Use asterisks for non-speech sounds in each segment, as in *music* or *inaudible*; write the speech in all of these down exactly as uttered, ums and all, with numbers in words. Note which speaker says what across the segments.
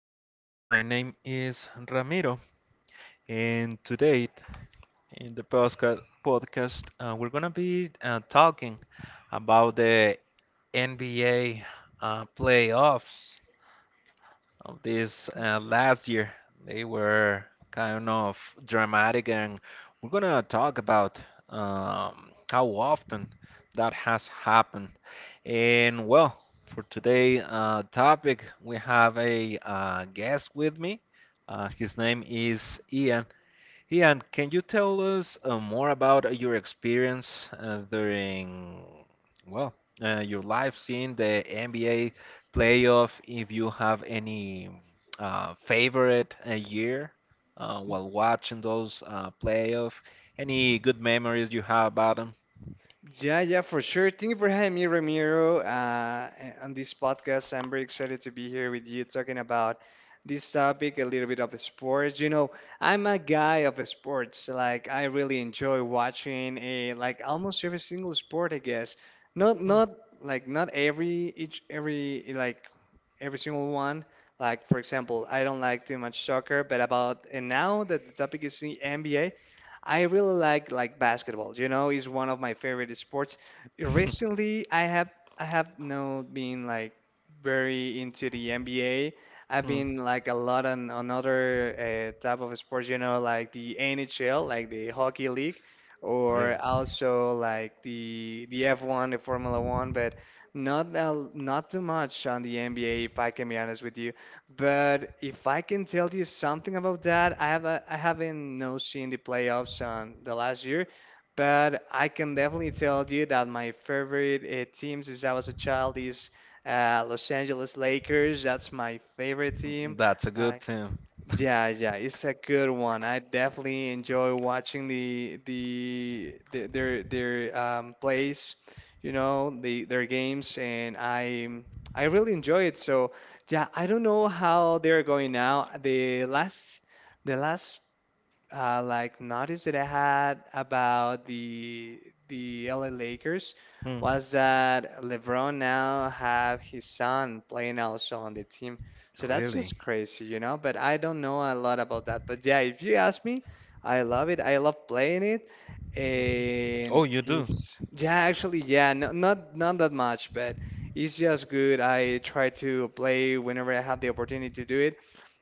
Speaker 1: afternoon. My name is Ramiro, and today in the postca- podcast, uh, we're gonna be uh, talking about the N B A uh, playoffs of this uh, last year. They were kind of dramatic, and we're gonna talk about um, how often that has happened. And well, for today' uh, topic, we have a uh, guest with me. Uh, his name is Ian. Yeah, and can you tell us uh, more about uh, your experience uh, during, well, uh, your life seeing the N B A playoff, if you have any uh, favorite uh, year uh, while watching those uh, playoff, any good memories you have about them?
Speaker 2: Yeah, yeah, for sure. Thank you for having me, Ramiro, uh, on this podcast. I'm very excited to be here with you talking about this topic, a little bit of sports. You know, I'm a guy of sports. Like, I really enjoy watching a like almost every single sport, I guess. Not
Speaker 1: Hmm.
Speaker 2: not
Speaker 1: *laughs*
Speaker 2: like not every each every like every single one. Like for example, I don't like too much soccer, but about and now that the topic is the N B A, I really like like basketball. You know, is one of my favorite sports. Recently, I have I have not been like very into the N B A. I've
Speaker 1: Hmm.
Speaker 2: been like a lot on, on other uh, type of sports, you know, like the N H L, like the hockey league, or
Speaker 1: Really?
Speaker 2: also like the the F one, the Formula One. But not a- not too much on the N B A, if I can be honest with you. But if I can tell you something about that, I have a, I haven't no seen the playoffs on the last year, but I can definitely tell you that my favorite uh, team since I was a child is uh, Los Angeles Lakers. That's my favorite
Speaker 1: Hmm,
Speaker 2: team.
Speaker 1: that's a good
Speaker 2: Like
Speaker 1: thing. *laughs* That's,
Speaker 2: yeah, yeah, it's a good one. I definitely enjoy watching the the, the their their um, plays, you know, the their games, and I I really enjoy it. So yeah, I don't know how they're going now. The last the last uh, like notice that I had about the the L A Lakers
Speaker 1: hmm.
Speaker 2: was that LeBron now have his son playing also on the team. So that's just
Speaker 1: Really?
Speaker 2: crazy, you know. But I don't know a lot about that. But yeah, if you ask me, I love it. I love playing it.
Speaker 1: Mhm. Oh,
Speaker 2: And
Speaker 1: you do?
Speaker 2: it's yeah, actually, yeah, no, not not that much, but it's just good. I try to play whenever I have the opportunity to do it.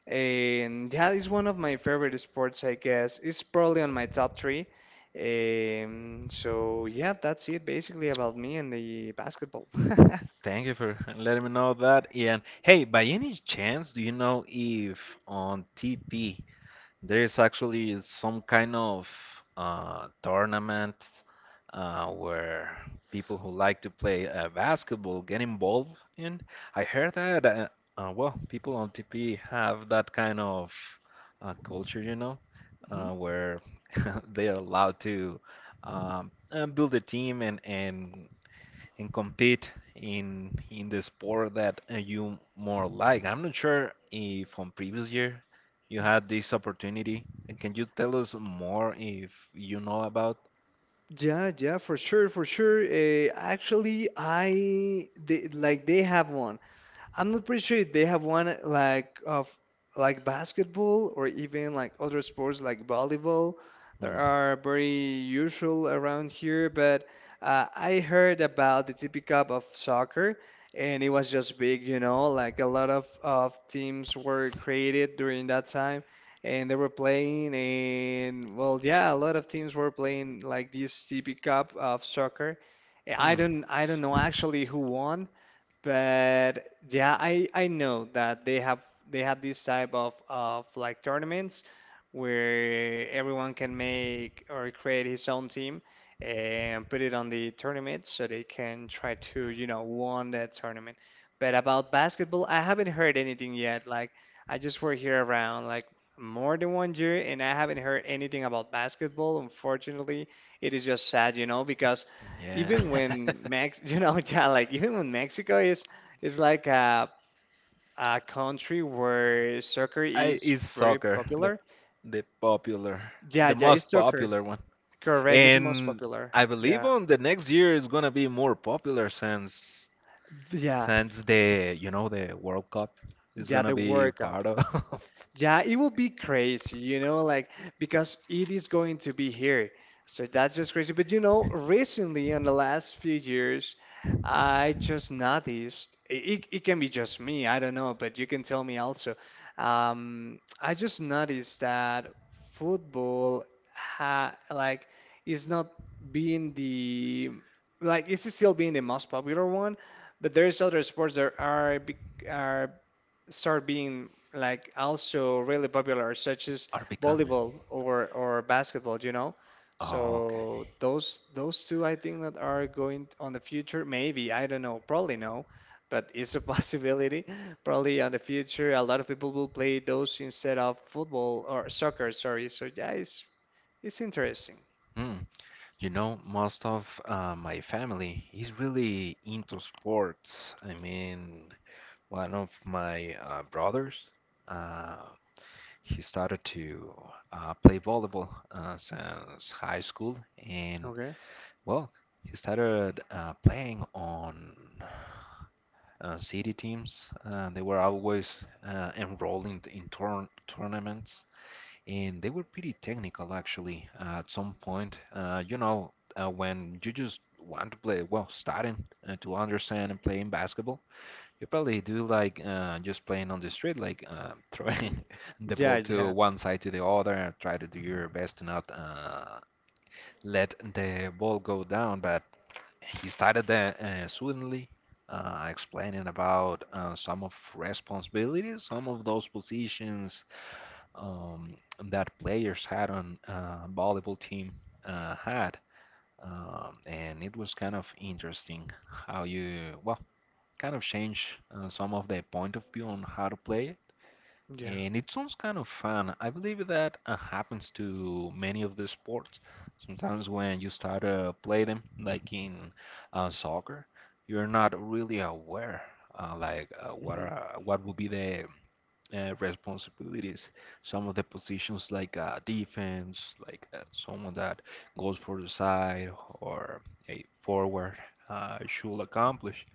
Speaker 2: And that is one of my favorite sports, I guess. It's probably on my top three. Um, so yeah, that's it basically about me and the basketball. *laughs*
Speaker 1: Thank you for letting me know that. And hey, by any chance, do you know if on T P there is actually some kind of uh, tournament uh, where people who like to play uh, basketball get involved in? I heard that, uh, uh, well, people on T P have that kind of uh, culture, you know,
Speaker 2: Mhm.
Speaker 1: uh, where *laughs* they are allowed to um, uh, build a team, and, and and compete in in the sport that uh, you more like. I'm not sure if from previous year you had this opportunity. And can you tell us more if you know about?
Speaker 2: Yeah, yeah, for sure, for sure. Uh, actually, I they, like they have one. I'm not pretty sure if they have one like of like basketball or even like other sports like volleyball that
Speaker 1: Hmm.
Speaker 2: are very usual around here, but uh, I heard about the T P Cup of soccer and it was just big, you know, like a lot of, of teams were created during that time and they were playing and well, yeah, a lot of teams were playing like this T P Cup of soccer. I
Speaker 1: Hmm.
Speaker 2: don't I don't know actually who won, but yeah, I I know that they have they have this type of of like tournaments where everyone can make or create his own team and put it on the tournament so they can try to, you know, won that tournament. But about basketball, I haven't heard anything yet. Like I just were here around like more than one year and I haven't heard anything about basketball. Unfortunately, it is just sad, you know, because
Speaker 1: Yeah.
Speaker 2: even when
Speaker 1: *laughs*
Speaker 2: Mex, *laughs* you know, yeah, like even when Mexico is is like a a country where soccer
Speaker 1: I
Speaker 2: is
Speaker 1: it's
Speaker 2: very
Speaker 1: soccer, the
Speaker 2: popular.
Speaker 1: the popular,
Speaker 2: Yeah,
Speaker 1: the
Speaker 2: yeah, it's
Speaker 1: most
Speaker 2: soccer.
Speaker 1: popular one.
Speaker 2: Correct, it's the most
Speaker 1: And
Speaker 2: popular.
Speaker 1: I
Speaker 2: Yeah,
Speaker 1: believe on the next year is gonna be more popular since
Speaker 2: yeah,
Speaker 1: since the you know the World Cup is
Speaker 2: yeah.
Speaker 1: gonna
Speaker 2: The
Speaker 1: be
Speaker 2: World Cup.
Speaker 1: part of
Speaker 2: Yeah, it will be crazy, you know, like because it is going to be here. So that's just crazy. But you know, recently in the last few years, I just noticed it, it can be just me, I don't know, but you can tell me also. Um, I just noticed that football ha like is not being the like it's still being the most popular one, but there's other sports that are bec- are start being like also really popular, such as
Speaker 1: *laughs* our becoming.
Speaker 2: volleyball or or basketball, you know?
Speaker 1: Oh,
Speaker 2: So
Speaker 1: okay.
Speaker 2: those those two I think that are going on the future, maybe, I don't know, probably no, but it's a *laughs* possibility. Probably on the future a lot of people will play those instead of football or soccer, sorry. So yeah, it's it's interesting.
Speaker 1: Hmm. You know, most of uh, my family is really into sports. I mean, one of my uh, brothers, uh, he started to uh, play volleyball uh, since high school, and
Speaker 2: Okay.
Speaker 1: well, he started uh, playing on uh, city teams. Uh, they were always uh, enrolled in, in tourn tournaments. And they were pretty technical actually uh, at some point. Uh, you know, uh, when you just want to play, well, starting uh, to understand and playing basketball, you probably do like uh, just playing on the street, like uh, *laughs*
Speaker 2: Mhm.
Speaker 1: throwing the
Speaker 2: Yeah,
Speaker 1: ball to
Speaker 2: yeah,
Speaker 1: one side to the other, and try to do your best to not uh, let the ball go down. But he started that uh, suddenly. Uh, explaining about uh, some of responsibilities, some of those positions, um, that players had on uh, volleyball team uh, had, um, and it was kind of interesting how you well kind of change uh, some of the point of view on how to play it,
Speaker 2: yeah.
Speaker 1: and it sounds kind of fun. I believe that uh, happens to many of the sports. Sometimes when you start to play them, like in uh, soccer, you're not really aware uh, like uh, what
Speaker 2: Hmm.
Speaker 1: are what would be the uh, responsibilities. Some of the positions like uh, defense, like uh, someone that goes for the side or a forward, uh, should accomplish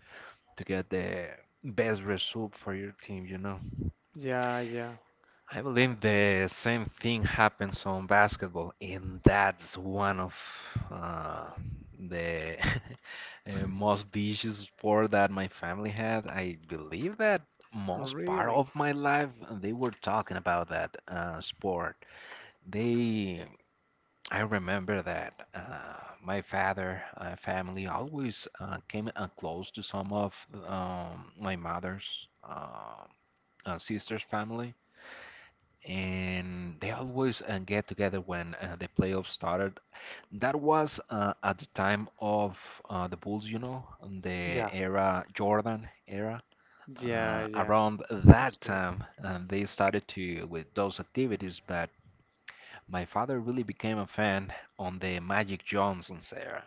Speaker 1: to get the best result for your team. You know.
Speaker 2: Yeah, yeah.
Speaker 1: I
Speaker 2: I
Speaker 1: believe the same thing happens on basketball, and that's one of uh, the *laughs* uh, most vicious sport that my family had. I believe that most part
Speaker 2: really.
Speaker 1: of my life they were talking about that uh, sport. They, I remember that uh, my father, uh, family always uh, came uh, close to some of um, my mother's uh, uh, sister's family and they always uh, get together when uh, the playoffs started. That was uh, at the time of uh, the Bulls, you know, and the
Speaker 2: Yeah,
Speaker 1: era Jordan era.
Speaker 2: yeah,
Speaker 1: Uh,
Speaker 2: yeah.
Speaker 1: around
Speaker 2: It was
Speaker 1: that
Speaker 2: good.
Speaker 1: time, uh, they started to with those activities. But my father really became a fan on the Magic Johnson's era.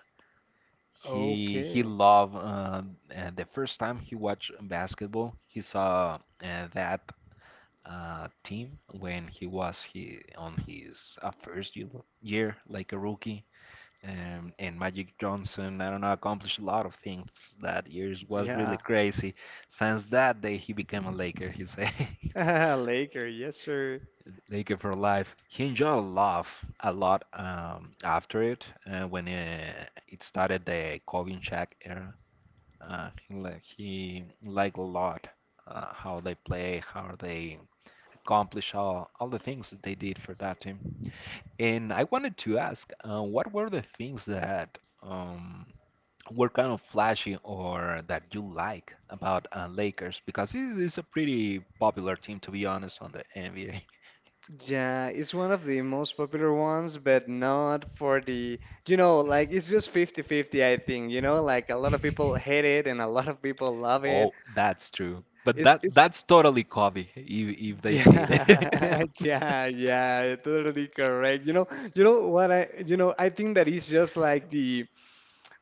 Speaker 1: He he
Speaker 2: Okay.
Speaker 1: loved uh, uh, the first time he watched basketball. He saw uh, that uh, team when he was he, on his uh, first year, year, like a rookie. Um, and Magic Johnson, I don't know, accomplished a lot of things that year. It was really
Speaker 2: Yeah.
Speaker 1: crazy. Since that day, he became a Laker. He a
Speaker 2: *laughs* Laker, yes, sir.
Speaker 1: *laughs* Laker for life. He enjoyed life a lot um, after it uh, when uh, it started the Kobe and Shaq era. Uh, he, li- he liked a lot uh, how they play, how they accomplish all, all the things that they did for that team. And I wanted to ask, uh, what were the things that um, were kind of flashy or that you like about uh, Lakers? Because it is a pretty popular team, to be honest, on the N B A.
Speaker 2: Yeah, it's one of the most popular ones, but not for the, you know, like it's just fifty-fifty. I think, you know, like a lot of people
Speaker 1: *laughs*
Speaker 2: hate it and a lot of people love it.
Speaker 1: Oh, that's true. But
Speaker 2: It's
Speaker 1: that
Speaker 2: it's
Speaker 1: that's totally Kobe if, if
Speaker 2: *laughs*
Speaker 1: they hate it.
Speaker 2: yeah,
Speaker 1: *laughs*
Speaker 2: yeah,
Speaker 1: That's t-
Speaker 2: yeah, totally correct. You know, you know what I, you know, I think that it's just like the.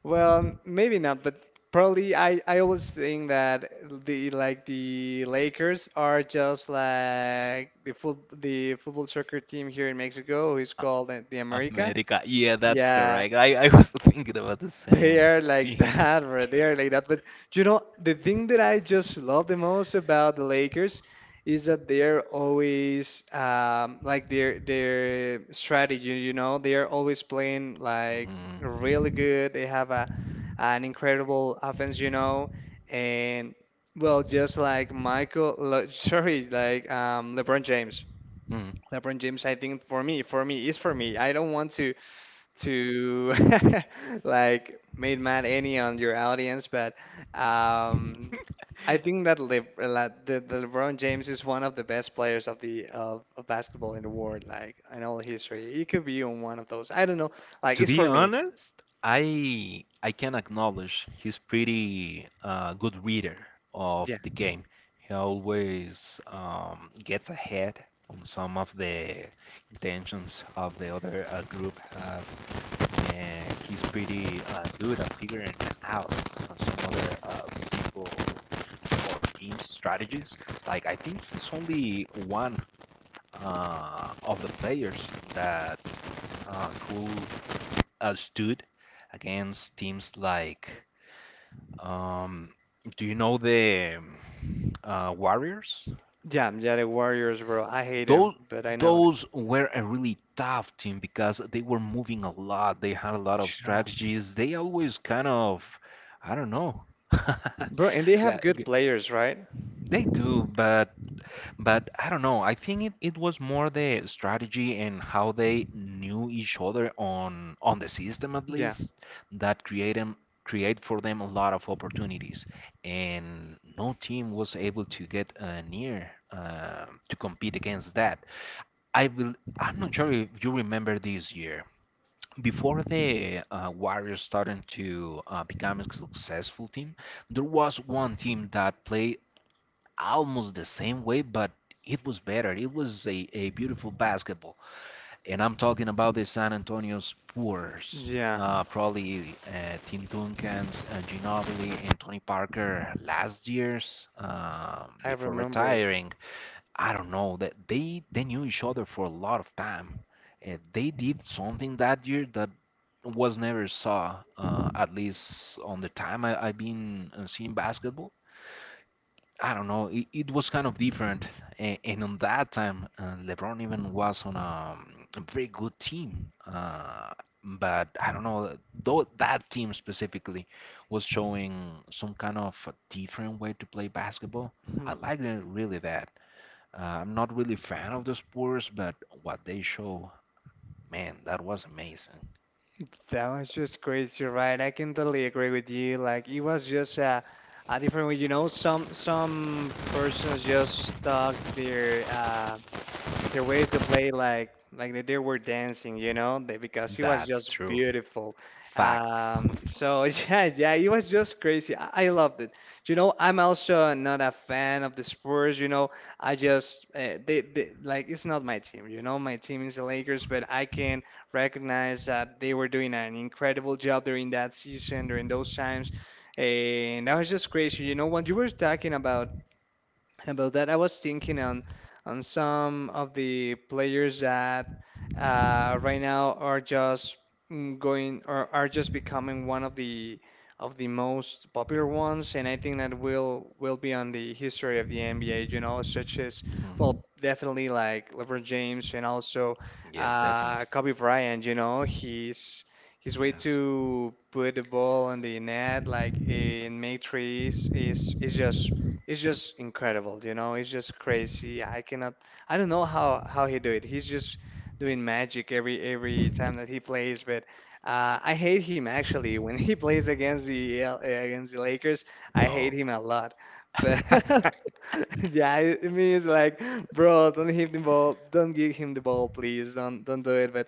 Speaker 2: Well, maybe not, but probably I, I always think that the like the Lakers are just like the foot the football soccer team here in Mexico who is called the the America.
Speaker 1: America. Yeah, that's
Speaker 2: Yeah,
Speaker 1: correct. I, I was thinking about the
Speaker 2: they
Speaker 1: same
Speaker 2: are like *laughs*
Speaker 1: thing.
Speaker 2: that, bro. They are like that. But you know, the thing that I just love the most about the Lakers is that they are always um, like their their strategy. You know, they are always playing like really
Speaker 1: Mm.
Speaker 2: good. They have a an incredible offense. You know, and well, just like Michael, lo- *laughs* sorry, like um, LeBron James. LeBron James, I think for me, for me is for me. I don't want to to *laughs* like made mad any on your audience, but
Speaker 1: Mm.
Speaker 2: um, I
Speaker 1: *laughs*
Speaker 2: think that Le Le- the, the LeBron James is one of the best players of the of, of basketball in the world, like in all history. He could be on one of those. I don't know. Like
Speaker 1: To
Speaker 2: it's
Speaker 1: be
Speaker 2: for me.
Speaker 1: honest, I I can acknowledge he's pretty uh, good reader
Speaker 2: Yeah,
Speaker 1: of the game. He always um, gets ahead on some of the intentions of the other uh, group have, and he's pretty uh, good at figuring out on some other uh, people or teams strategies. Like I think he's only one uh, of the players that uh, could uh, stood against teams like, um, do you know the uh, Warriors?
Speaker 2: yeah, yeah. The Warriors, bro. I hate them,
Speaker 1: Those
Speaker 2: but I know them.
Speaker 1: those were a really tough team because they were moving a lot. They had a lot of
Speaker 2: Yeah.
Speaker 1: strategies. They always kind of, I don't know. *laughs*
Speaker 2: Bro, and they have good players, right?
Speaker 1: They do, but But I don't know. I think it, it was more the strategy and how they knew each other on on the system at
Speaker 2: Yeah,
Speaker 1: least that create 'em- create for them a lot of opportunities. And no team was able to get uh, near uh, to compete against that. I will. I'm not sure if you remember this year. Before the uh, Warriors started to uh, become a successful team, there was one team that played almost the same way, but it was better. It was a, a beautiful basketball. And I'm talking about the San Antonio Spurs.
Speaker 2: yeah.
Speaker 1: Uh, probably uh, Tim Duncan's, uh, Ginobili, and Tony Parker last year's um
Speaker 2: I
Speaker 1: before
Speaker 2: remember it.
Speaker 1: retiring. I don't know that they they knew each other for a lot of time. Uh, they did something that year that was never saw, uh, at least on the time I, I've been uh, seeing basketball. I don't know. It, it was kind of different, and, and on that time, uh, LeBron even was on a, a very good team. Uh, but I don't know. Though that team specifically was showing some kind of a different way to play basketball. I
Speaker 2: Hmm.
Speaker 1: like it really that. Uh, I'm not really a fan of the Spurs, but what they show, man, that was amazing.
Speaker 2: That was just crazy, right? I can totally agree with you. Like it was just a, a different way. You know, some some persons just talk their uh, their way to play like like that they were dancing, you know, they, because he was
Speaker 1: That's
Speaker 2: just
Speaker 1: true.
Speaker 2: beautiful.
Speaker 1: Facts. *laughs*
Speaker 2: Um, so *laughs* yeah, yeah, it was just crazy. I, I loved it. You know, I'm also not a fan of the Spurs. You know, I just uh, they, they like it's not my team. You know, my team is the Lakers, but I can recognize that they were doing an incredible job during that season, during those times, and that was just crazy. You know, when you were talking about about that, I was thinking on on some of the players that uh, right now are just mm, going or are just becoming one of the of the most popular ones, and I think that will will be on the history of the N B A. You know, such as
Speaker 1: Mhm.
Speaker 2: well, definitely like LeBron James and also
Speaker 1: Yes, definitely.
Speaker 2: uh, Kobe Bryant. You know, he's his way
Speaker 1: Yes.
Speaker 2: to put the ball on the net, like in make threes, is is just it's just incredible, you know, it's just crazy. I cannot I don't know how how he do it. He's just doing magic every every time that he plays, but uh, I hate him actually *laughs* when he plays against the L- against the Lakers. I hate
Speaker 1: No.
Speaker 2: him a lot. But
Speaker 1: *laughs*
Speaker 2: *laughs* yeah, it it means like, bro, don't hit the ball, don't give him the ball, please, don't don't do it. But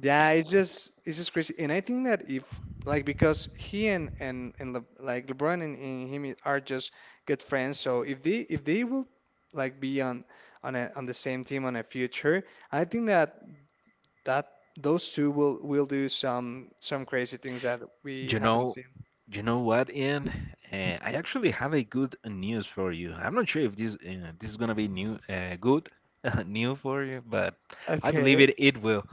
Speaker 2: yeah, it's just it's just crazy, and I think that if like because he and and and Le, like LeBron and, and him are just good friends. So if they if they will like be on on a, on the same team on a future, I think that that those two will will do some some crazy things that we
Speaker 1: You
Speaker 2: haven't
Speaker 1: know,
Speaker 2: seen.
Speaker 1: you know what, Ian? Uh, I actually have a good news for you. I'm not sure if this uh, this is gonna be new, uh, good, *laughs* new for you, but I believe
Speaker 2: Okay.
Speaker 1: it it will.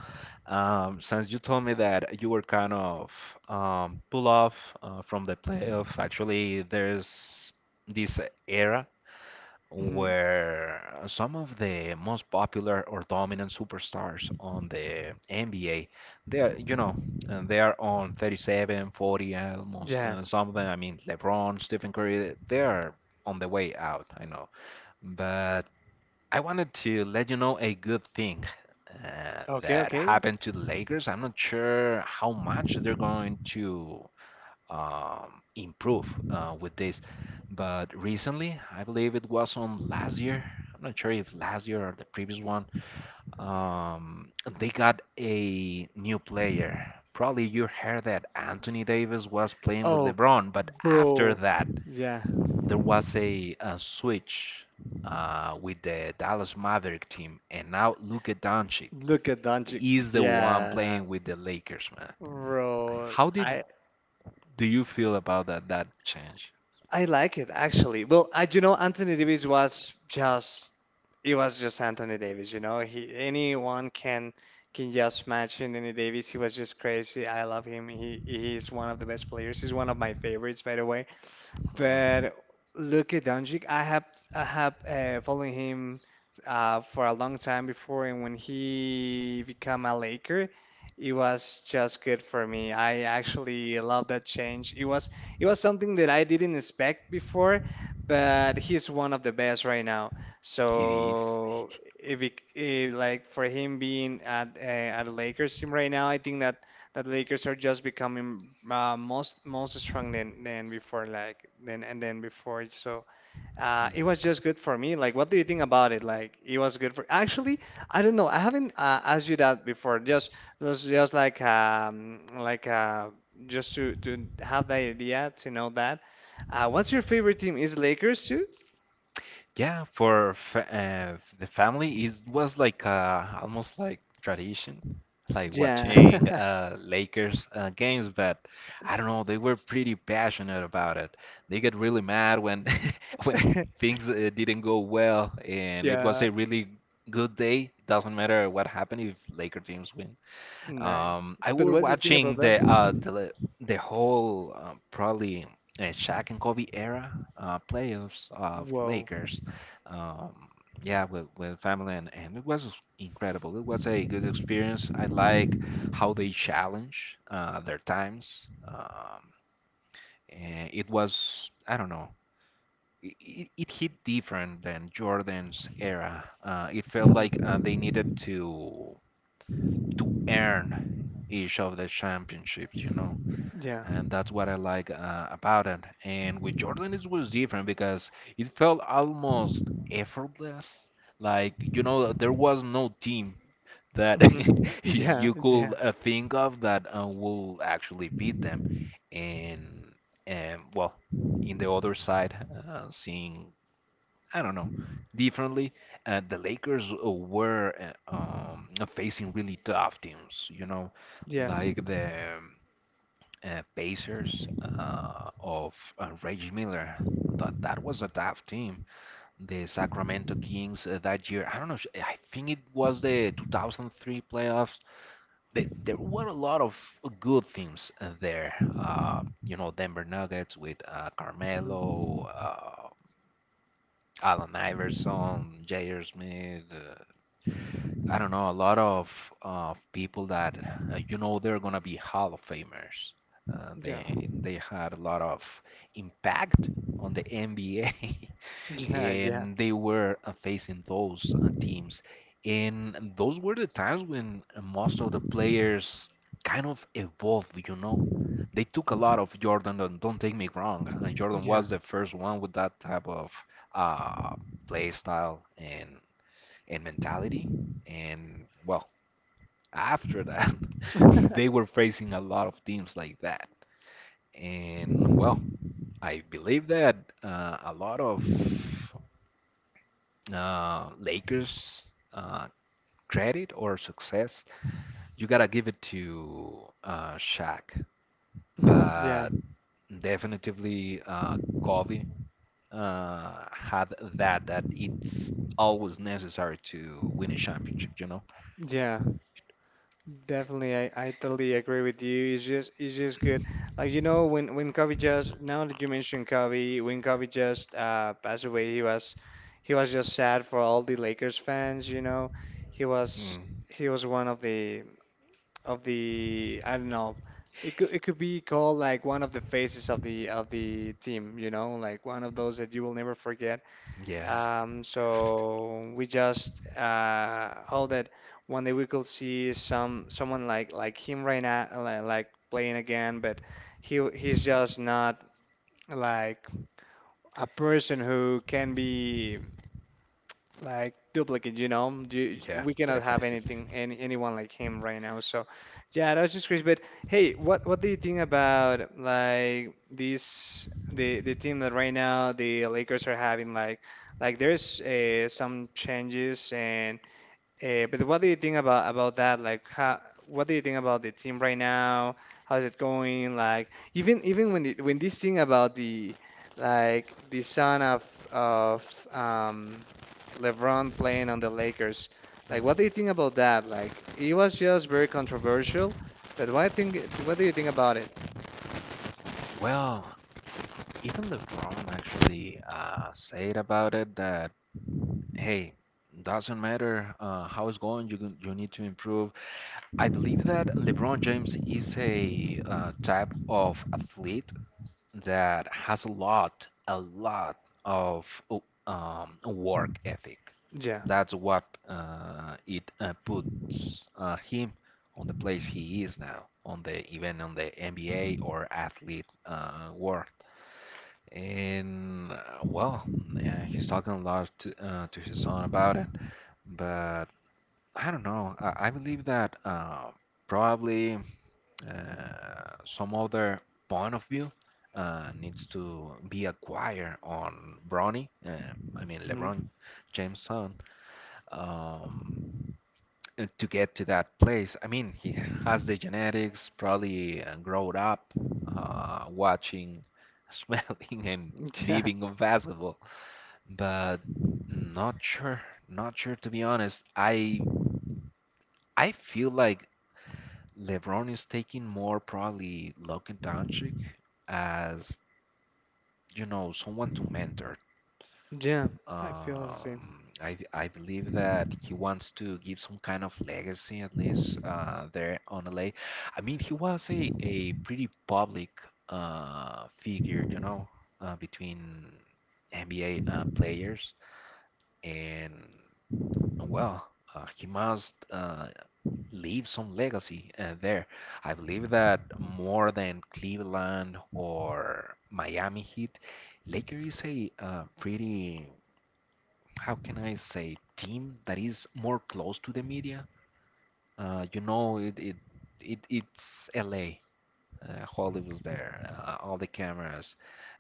Speaker 1: Um, since you told me that you were kind of um, pull off uh, from the playoff, actually, there's this era
Speaker 2: Hmm.
Speaker 1: where some of the most popular or dominant superstars on the N B A, they are, you know, uh, they are on thirty-seven, forty, uh, almost
Speaker 2: Yeah.
Speaker 1: uh, some of them. I mean, LeBron, Stephen Curry, they are on the way out. I know, but I wanted to let you know a good thing. Uh,
Speaker 2: Okay,
Speaker 1: that
Speaker 2: okay.
Speaker 1: happened to the Lakers. I'm not sure how much they're going to um, improve uh, with this. But recently, I believe it was on last year. I'm not sure if last year or the previous one. Um, they got a new player. Probably you heard that Anthony Davis was playing with
Speaker 2: Oh,
Speaker 1: LeBron, but after
Speaker 2: bro.
Speaker 1: that,
Speaker 2: Yeah.
Speaker 1: there was a, a switch uh, with the Dallas Maverick team, and now Luka Doncic
Speaker 2: Look at Doncic.
Speaker 1: is the one
Speaker 2: Yeah.
Speaker 1: playing with the Lakers, man.
Speaker 2: Bro,
Speaker 1: How did
Speaker 2: I
Speaker 1: Do you feel about that that change?
Speaker 2: I like it actually. Well, I you know Anthony Davis was just it was just Anthony Davis, you know. He anyone can can just match Anthony Davis. He was just crazy. I love him. He he's one of the best players. He's one of my favorites, by the way.
Speaker 1: Mm,
Speaker 2: But look at Doncic. I have I have uh, followed him uh, for a long time before, and when he became a Laker, it was just good for me. I actually love that change. It was it was something that I didn't expect before, but he's one of the best right now.
Speaker 1: he is.
Speaker 2: So if it, bec- eh, like for him being at uh, at a Lakers team right now, I think that that Lakers are just becoming uh, most most strong than than before like than and then before, so uh
Speaker 1: Mm.
Speaker 2: it was just good for me, like what do you think about it? Like it was good for, actually, I don't know. I haven't uh, asked you that before, just just, just like um like uh just to to have the idea to know that uh what's your favorite team is Lakers too?
Speaker 1: Yeah, for fa uh, the family, it was like uh, almost like tradition, like
Speaker 2: Yeah.
Speaker 1: watching uh, Lakers uh, games. But I don't know, they were pretty passionate about it. They get really mad when *laughs* when
Speaker 2: *laughs*
Speaker 1: things uh, didn't go well, and it was
Speaker 2: Yeah.
Speaker 1: a really good day. Doesn't matter what happened if Laker teams win.
Speaker 2: Nice.
Speaker 1: Um, I
Speaker 2: But
Speaker 1: were
Speaker 2: what do you think about
Speaker 1: watching
Speaker 2: that?
Speaker 1: the uh the the whole uh, probably uh, Shaq and Kobe era uh, playoffs of
Speaker 2: Whoa.
Speaker 1: Lakers. Um, yeah, with with family and, and it was incredible. It was a good experience. I like how they challenge uh, their times. Um, and it was I don't know. It, it it hit different than Jordan's era. Uh, it felt like uh, they
Speaker 2: Mhm.
Speaker 1: needed to to earn each of the championships, you know.
Speaker 2: Yeah.
Speaker 1: And that's what I like uh, about it. And with Jordan, it was different because it felt almost effortless. Like, you know, there was no team that
Speaker 2: Mhm.
Speaker 1: *laughs*
Speaker 2: Yeah.
Speaker 1: you could
Speaker 2: *laughs*
Speaker 1: uh, think of that uh, will actually beat them. And, and well, in the other side, uh, seeing I don't know, differently. Uh, the Lakers uh, were uh, um, facing really tough teams, you know,
Speaker 2: Yeah.
Speaker 1: like the um, uh, Pacers uh, of uh, Reggie Miller. That that was a tough team. The Sacramento Kings uh, that year, I don't know, I think it was the two thousand three playoffs. Th there were a lot of good teams uh, there. Uh, you know, Denver Nuggets with uh,
Speaker 2: Mhm.
Speaker 1: Carmelo. Uh, Allen Iverson, J R. Smith. Uh, I don't know, a lot of uh, people that uh, you know they're gonna be Hall of Famers. Uh,
Speaker 2: Yeah.
Speaker 1: they they had a lot of impact on the N B A. *laughs*
Speaker 2: Yeah. Yeah.
Speaker 1: and they were uh, facing those uh, teams. And those were the times when most of the players kind of evolved, you know. They took a lot of Jordan, don't, don't take me wrong. uh, Jordan
Speaker 2: Yeah.
Speaker 1: was the first one with that type of uh, play style and, and mentality. And well, after that, *laughs* they
Speaker 2: *laughs*
Speaker 1: were facing a lot of teams like that. And well, I believe that uh, a lot of uh, Lakers uh, credit or success, you gotta give it to uh, Shaq.
Speaker 2: Yeah,
Speaker 1: But definitely, uh, Kobe uh, had that that it's always necessary to win a championship. You know?
Speaker 2: yeah, definitely. I, I totally agree with you. It's just it's just good. Like, you know, when when Kobe just, now that you mentioned Kobe, when Kobe just uh passed away, he was he was just sad for all the Lakers fans. You know, he was
Speaker 1: Mm,
Speaker 2: he was one of the, of the I don't know. It could it could be called like one of the faces of the of the team. You know, like one of those that you will never forget.
Speaker 1: yeah,
Speaker 2: Um,
Speaker 1: definitely.
Speaker 2: so we just uh, hope that one day we could see some someone like like him right now, li- like playing again. But he he's
Speaker 1: *laughs*
Speaker 2: just not like a person who can be, like, duplicate, you know. You,
Speaker 1: Yeah,
Speaker 2: we cannot have
Speaker 1: definitely.
Speaker 2: anything any anyone like him right now. So, yeah, that was just crazy. But hey, what what do you think about, like, this the the team that right now the Lakers are having? Like, like there's uh, some changes and, uh, but what do you think about about that? Like, how, what do you think about the team right now? How's it going? Like, even even when the, when this thing about the like the son of of, um, LeBron playing on the Lakers, like, what do you
Speaker 1: Mm.
Speaker 2: think about that? Like, it was just very controversial. But what I think, what do you think about it?
Speaker 1: Well, even LeBron actually uh, said about it that, hey, doesn't matter uh, how it's going, you, can- you need to improve. I believe that LeBron James is a uh, type of athlete that has a lot, a lot of o- um, work ethic.
Speaker 2: Yeah.
Speaker 1: That's what uh, it uh, puts uh, him on the place he is now, on the even on the N B A or athlete uh, world. And uh, well, uh, he's talking a lot to, uh, to his son about it, but I don't know. I, I believe that uh, probably uh, some other point of view uh, needs to be acquired on Bronny, uh, I mean LeBron
Speaker 2: Hmm.
Speaker 1: James' son, um, uh, to get to that place. I mean, he has the genetics, probably uh, growed up uh, watching, *laughs* smelling, and
Speaker 2: *laughs* Yeah,
Speaker 1: living on basketball, but not sure, not sure to be honest. I I feel like LeBron is taking more probably Luka Doncic as, you know, someone to mentor.
Speaker 2: yeah. I feel the same.
Speaker 1: Um, I I believe that he wants to give some kind of legacy at least uh, there on L A. I mean, he was a, a pretty public uh, figure, you know, uh, between N B A uh, players, and well, uh, he must uh, leave some legacy uh, there. I believe that more than Cleveland or Miami Heat, Laker is a uh, pretty, how can I say, team that is more close to the media. Uh, you know, it, it, it it's L A. Uh, Hollywood's there, uh, all the cameras.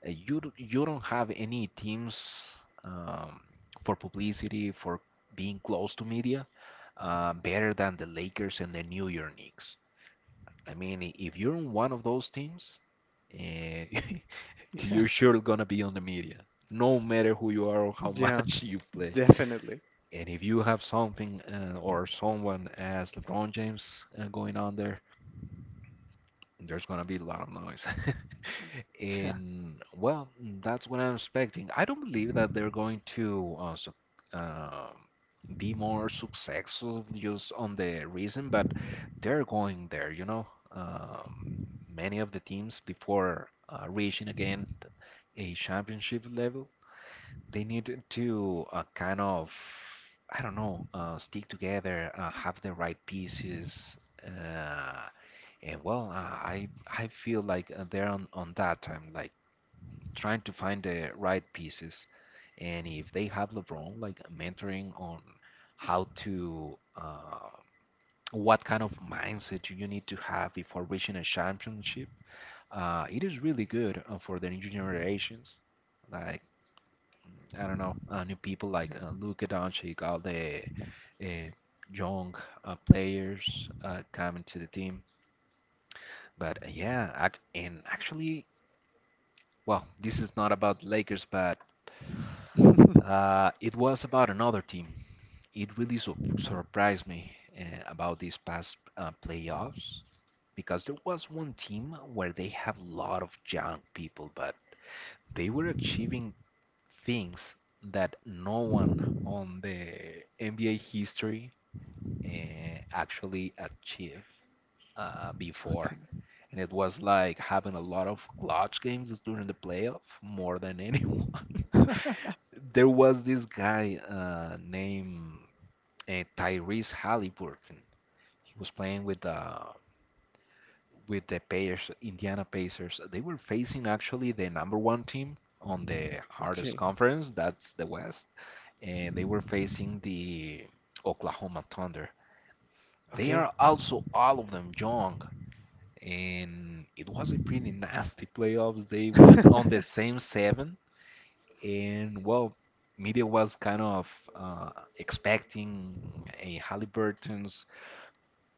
Speaker 1: Uh, you d- you don't have any teams um, for publicity, for being close to media, uh, better than the Lakers and the New York Knicks. I mean, i- if you're on one of those teams, eh, *laughs*
Speaker 2: Yeah,
Speaker 1: you're sure gonna be on the media, no matter who you are or how
Speaker 2: yeah,
Speaker 1: much *laughs* you play.
Speaker 2: definitely.
Speaker 1: And if you have something uh, or someone as LeBron James uh, going on there, there's gonna be a lot of noise. *laughs*
Speaker 2: Yeah,
Speaker 1: And well, that's what I'm expecting. I don't believe that they're going to uh, su uh, be more successful just on the reason, but they're going there, you know. Um, many of the teams before uh, reaching again a championship level, they need to uh, kind of, I don't know, uh, stick together, uh, have the right pieces. Uh, and well, I I I feel like uh, they're on on that time, like trying to find the right pieces. And if they have LeBron, like mentoring on how to, uh, what kind of mindset you need to have before reaching a championship, uh, it is really good uh, for the new generations. Like mm, I don't know, uh, new people like uh, Luka Doncic, all the uh, young uh, players uh, coming to the team. But uh, yeah, ac and actually, Well, this is not about Lakers, but
Speaker 2: yeah. *laughs*
Speaker 1: uh, it was about another team. It really su surprised me uh, about these past uh, playoffs because there was one team where they have a lot of young people, but they were achieving things that no one on the N B A history uh, actually achieved uh, before.
Speaker 2: Okay.
Speaker 1: And it was like having a lot of clutch games during the playoff more than anyone. *laughs*
Speaker 2: *laughs*
Speaker 1: there was this guy uh, named uh, Tyrese Halliburton. He was playing with the with the Pacers, Indiana Pacers. They were facing actually the number one team on the hardest
Speaker 2: Okay.
Speaker 1: conference, that's the West, and they were facing the Oklahoma Thunder. They
Speaker 2: Okay.
Speaker 1: are also all of them young, and it was a pretty nasty playoffs. They went on
Speaker 2: *laughs*
Speaker 1: the same seven. And well, media was kind of uh, expecting a Halliburton's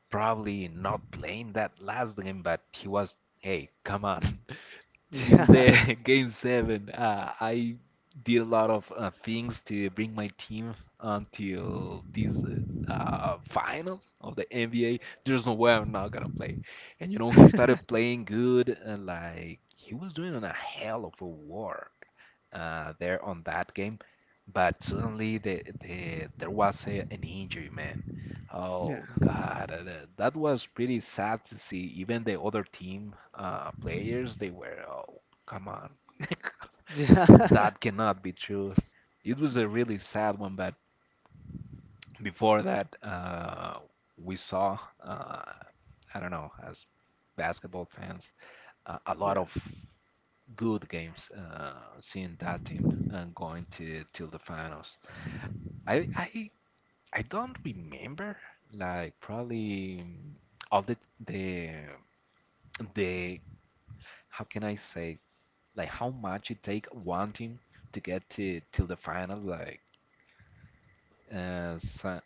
Speaker 1: probably not playing that last game, but he was, hey, come on, *laughs* is
Speaker 2: Yeah.
Speaker 1: the *laughs* game seven. Uh, I did a lot of uh, things to bring my team until these uh, uh, finals of the N B A. There's no way I'm not gonna play. And you know, he started playing good and like he was doing a hell of a work uh, there on that game. But suddenly the, the, there was a, an injury, man.
Speaker 2: Yeah.
Speaker 1: Oh God, uh, that that was pretty sad to see. Even the other team uh, players, they were, oh, come on, *laughs*
Speaker 2: Yeah.
Speaker 1: that cannot be true. It was a really sad one, but before that, uh, we saw, uh, I don't know, as basketball fans, uh, a
Speaker 2: *laughs*
Speaker 1: lot
Speaker 2: Yeah.
Speaker 1: of good games uh, seeing that team uh, going to till the finals. I I I don't remember, like probably mm, all the the the how can I say like how much it take one team to get to till the final. Like uh, so-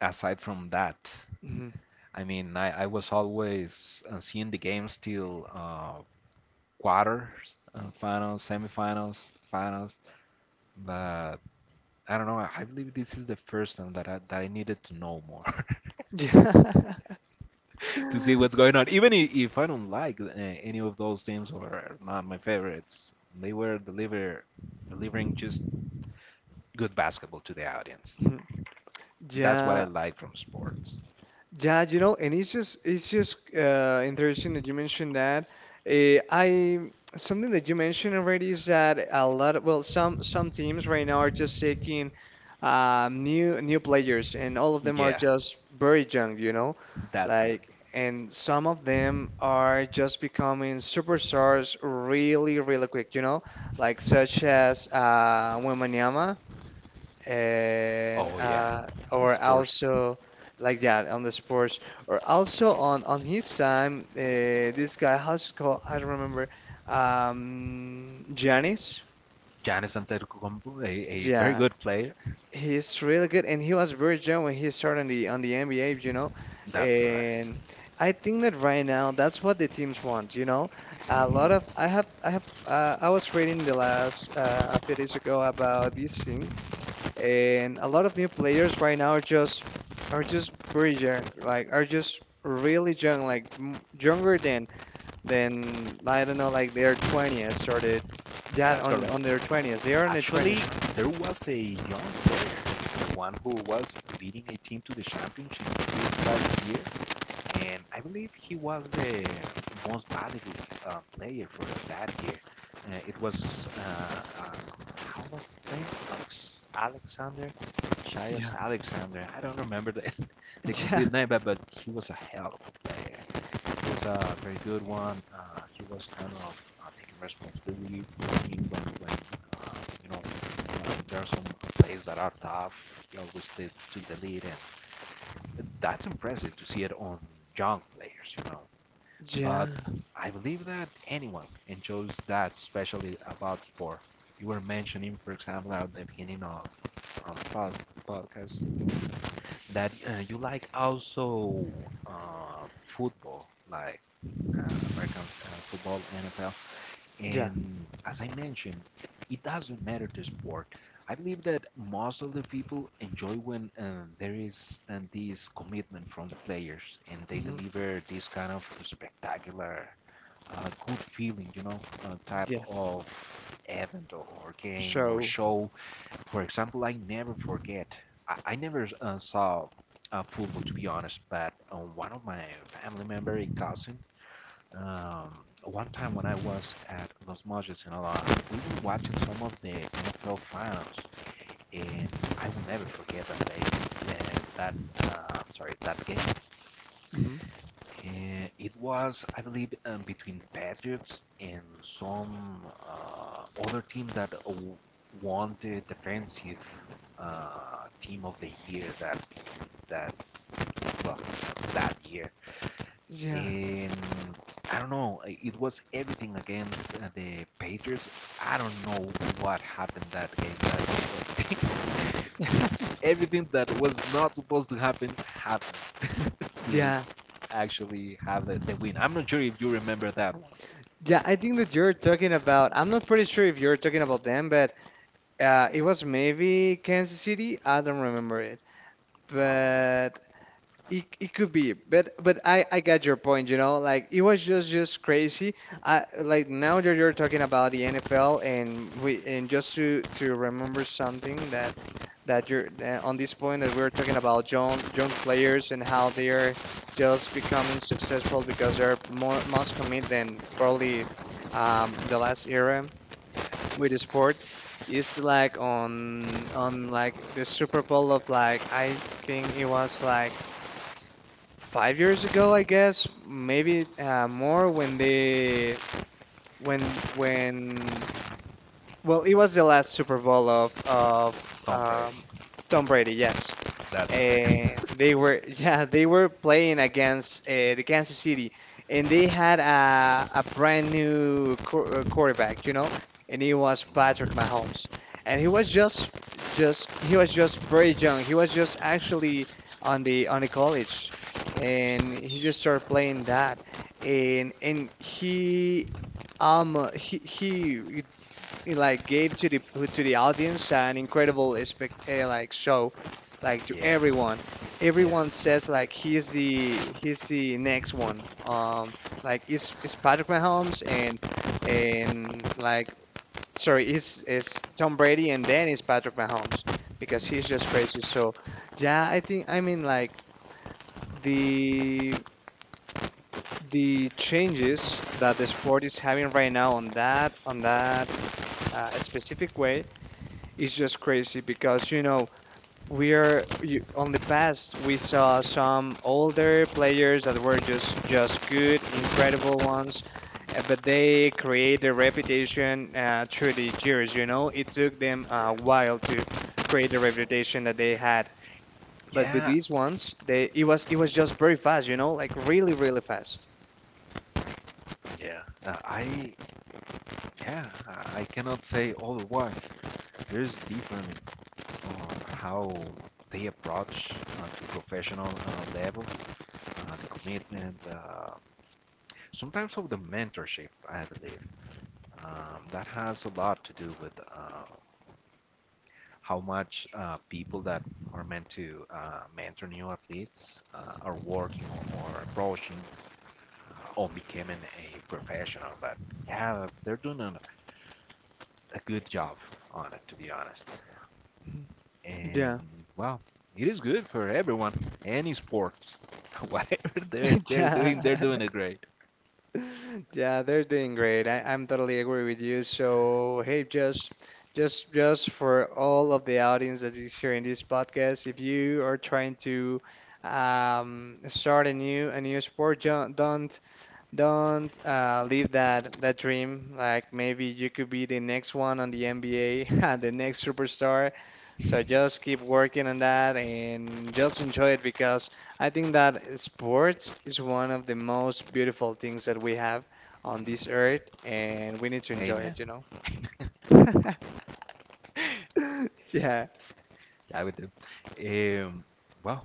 Speaker 1: aside from that,
Speaker 2: Mhm.
Speaker 1: I mean, I, I was always uh, seeing the games till uh, quarters, uh, finals, semifinals, finals, but I don't know. I believe this is the first time that I that I needed to know more. *laughs*
Speaker 2: Yeah.
Speaker 1: to see what's
Speaker 2: *laughs*
Speaker 1: going on. Even i- if I don't like uh, any of those teams or are not my favorites, they were deliver delivering just good basketball to the audience.
Speaker 2: Mhm.
Speaker 1: That's what I
Speaker 2: Yeah,
Speaker 1: like from sports.
Speaker 2: Yeah, you know, and it's just it's just uh, interesting that you mentioned that. Uh, I something that you mentioned already is that a lot of, well, some some teams right now are just taking, um, new new players, and all of them are
Speaker 1: Yeah,
Speaker 2: just very young, you know,
Speaker 1: that's correct.
Speaker 2: like, and some of them are just becoming superstars really, really quick, you know, like such as, uh, Wembanyama, and,
Speaker 1: Oh yeah,
Speaker 2: uh,
Speaker 1: the
Speaker 2: or
Speaker 1: sports.
Speaker 2: also like that on the sports, or also on on his time, uh, this guy, how's it called? I don't remember. um Giannis.
Speaker 1: Giannis Antetokounmpo, a, a very
Speaker 2: Yeah,
Speaker 1: good player.
Speaker 2: he's really good, and he was very young when he started on the on the N B A, you know.
Speaker 1: That's correct.
Speaker 2: And I think that right now that's what the teams want, you know. A lot of
Speaker 1: Hmm.
Speaker 2: I have I have uh, I was reading the last uh, a few days ago about these things, and a lot of new players right now are just are just very young, like, are just really young, like, m younger than than I don't know, like, their twenties or the yeah,
Speaker 1: That's
Speaker 2: on
Speaker 1: correct.
Speaker 2: on their twenties, they are in their
Speaker 1: Actually,
Speaker 2: twenties, right?
Speaker 1: there was a young player, the one who was leading a team to the championship this last year. and I believe he was the most valuable uh, player for that year. Uh, it was uh, uh, how was his name? Alex- Alexander, Shias
Speaker 2: Yeah.
Speaker 1: Alexander. I don't remember the *laughs* the
Speaker 2: *laughs* Yeah,
Speaker 1: complete name, but, but he was a hell of a player. He was a very good one. Uh, he was kind of uh, taking responsibility for the team when when uh, you know uh, there are some plays that are tough. He always did, took the lead and that's impressive to see it on young players, you know. But
Speaker 2: yeah,
Speaker 1: I believe that anyone enjoys that, especially about sport. You were mentioning, for example, at the beginning of um, pod podcast that uh, you like also uh, football, like uh, American uh, football, N F L.
Speaker 2: yeah.
Speaker 1: And as I mentioned, it doesn't matter the sport. I believe that most of the people enjoy when uh, there is uh, this commitment from the players and they
Speaker 2: Hmm.
Speaker 1: deliver this kind of spectacular, uh, good feeling, you know, uh, type
Speaker 2: Yes.
Speaker 1: of event or, or game or
Speaker 2: So.
Speaker 1: show. For example, I never forget, I, I never uh, saw uh, football to be honest, but uh, one of my family member, a cousin, um, one time when I was at Los Mochis Moches, Sinaloa, we were watching some of the N F L finals, and I will never forget that day. Uh, that uh, sorry, that game.
Speaker 2: Mhm.
Speaker 1: Uh, it was, I believe, um, between the Patriots and some uh, other team that uh, won the defensive uh, team of the year that that well that year.
Speaker 2: Yeah.
Speaker 1: and I don't know. i- It was everything against uh, the Patriots. I don't know what happened that game, but
Speaker 2: *laughs*
Speaker 1: *laughs* everything that was not supposed to happen happened *laughs* to
Speaker 2: Yeah,
Speaker 1: actually have the, the win. I'm not sure if you remember that one.
Speaker 2: yeah. I think that you're talking about I'm not pretty sure if you're talking about them, but uh it was maybe Kansas City, I don't remember it,
Speaker 1: Probably.
Speaker 2: but... It, it could be, but, but I I got your point, you know, like, it was just just crazy. I like now that you're talking about the N F L, and we and just to to remember something that that you're that on this point, that we were talking about young young players and how they are just becoming successful because they're more, must commit than probably, um the last era with the sport. Is like on on like the Super Bowl of, like, I think it was like five years ago, I guess, maybe, uh, more, when they when when well, it was the last Super Bowl of of
Speaker 1: Tom Brady.
Speaker 2: um, Tom Brady, yes.
Speaker 1: That's correct. *laughs*
Speaker 2: And they were *laughs* yeah, they were playing against, uh, the Kansas City, and they had a, a brand new, qu- uh, quarterback, you know. And he was Patrick
Speaker 1: Mm,
Speaker 2: Mahomes, and he was just just he was just very young. He was just actually on the on the college, and he just started playing that, and and he um he he it, like, gave to the to the audience an incredible, expect, uh, like, show, like, to
Speaker 1: yeah.
Speaker 2: everyone.
Speaker 1: Yeah.
Speaker 2: Everyone says, like, he's the he's the next one, um like, it's it's Patrick Mahomes, and, and like, sorry, it's it's Tom Brady, and then it's Patrick Mahomes, because he's
Speaker 1: Mm,
Speaker 2: just crazy, so... Yeah, I think I mean, like, the the changes that the sport is having right now on that on that, uh, specific way. It's just crazy because, you know, we are you, on the past we saw some older players that were just, just good, incredible ones, uh, but they create their reputation, uh, through the years. You know, it took them a
Speaker 1: yeah.
Speaker 2: while to create the reputation that they had. But with
Speaker 1: Yeah,
Speaker 2: these ones, they it was it was just very fast. You know, like, really, really fast.
Speaker 1: yeah. uh, I yeah, I I cannot say otherwise. There's different on how they approach uh, to professional uh, level, uh, the commitment, uh, sometimes of the mentorship, I believe. Um, that has a lot to do with uh, how much uh, people that are meant to uh, mentor new athletes uh, are working or, or approaching uh, on becoming a professional. But yeah, they're doing a, a good job on it, to be honest.
Speaker 2: Mhm.
Speaker 1: and
Speaker 2: Yeah.
Speaker 1: well, it is good for everyone. Any sports, *laughs* whatever they're
Speaker 2: *laughs*
Speaker 1: they're doing,
Speaker 2: Yeah.
Speaker 1: they're doing it great.
Speaker 2: Yeah, they're doing great. I, I'm totally agree with you. So, hey, just, just just for all of the audience that is hearing this podcast, if you are trying to, um, start a new a new sport, jo- don't don't, uh, leave that that dream. Like, maybe you could be the next one on the N B A, *laughs* the next superstar. So just keep working on that and just enjoy it, because I think that sports is one of the most beautiful things that we have on this earth, and we need to enjoy
Speaker 1: Amen.
Speaker 2: it, you know? *laughs* Yeah.
Speaker 1: I would do. Um, well,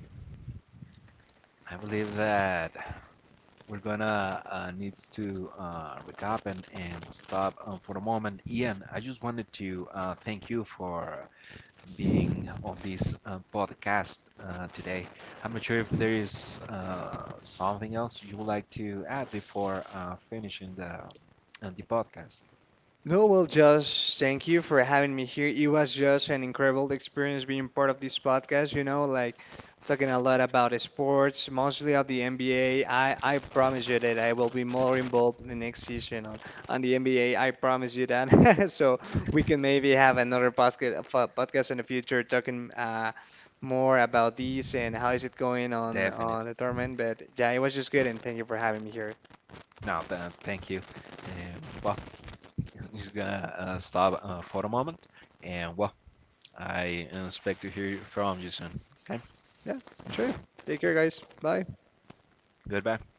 Speaker 1: I believe that we're gonna uh, need to uh, recap and, and stop uh, for a moment. Ian, I just wanted to uh, thank you for being on this uh, podcast uh, today. I'm not sure if there is uh, something else you would like to add before uh, finishing the uh, the podcast.
Speaker 2: No, well, just thank you for having me here. It was just an incredible experience being part of this podcast, you know, like, talking a lot about sports, mostly of the N B A. I, I promise you that I will be more involved in the next season on, on the N B A. I promise you that. *laughs* So we can maybe have another, podcast, podcast in the future talking, uh, more about these and how is it going on, on
Speaker 1: Definitely.
Speaker 2: the tournament. But yeah, it was just good, and thank you for having me here.
Speaker 1: No, th- thank you. Um, well, *laughs* i just gonna uh, stop uh, for a moment, and well, I expect to hear from you soon. Okay,
Speaker 2: Yeah, sure. Take care, guys. Bye.
Speaker 1: goodbye.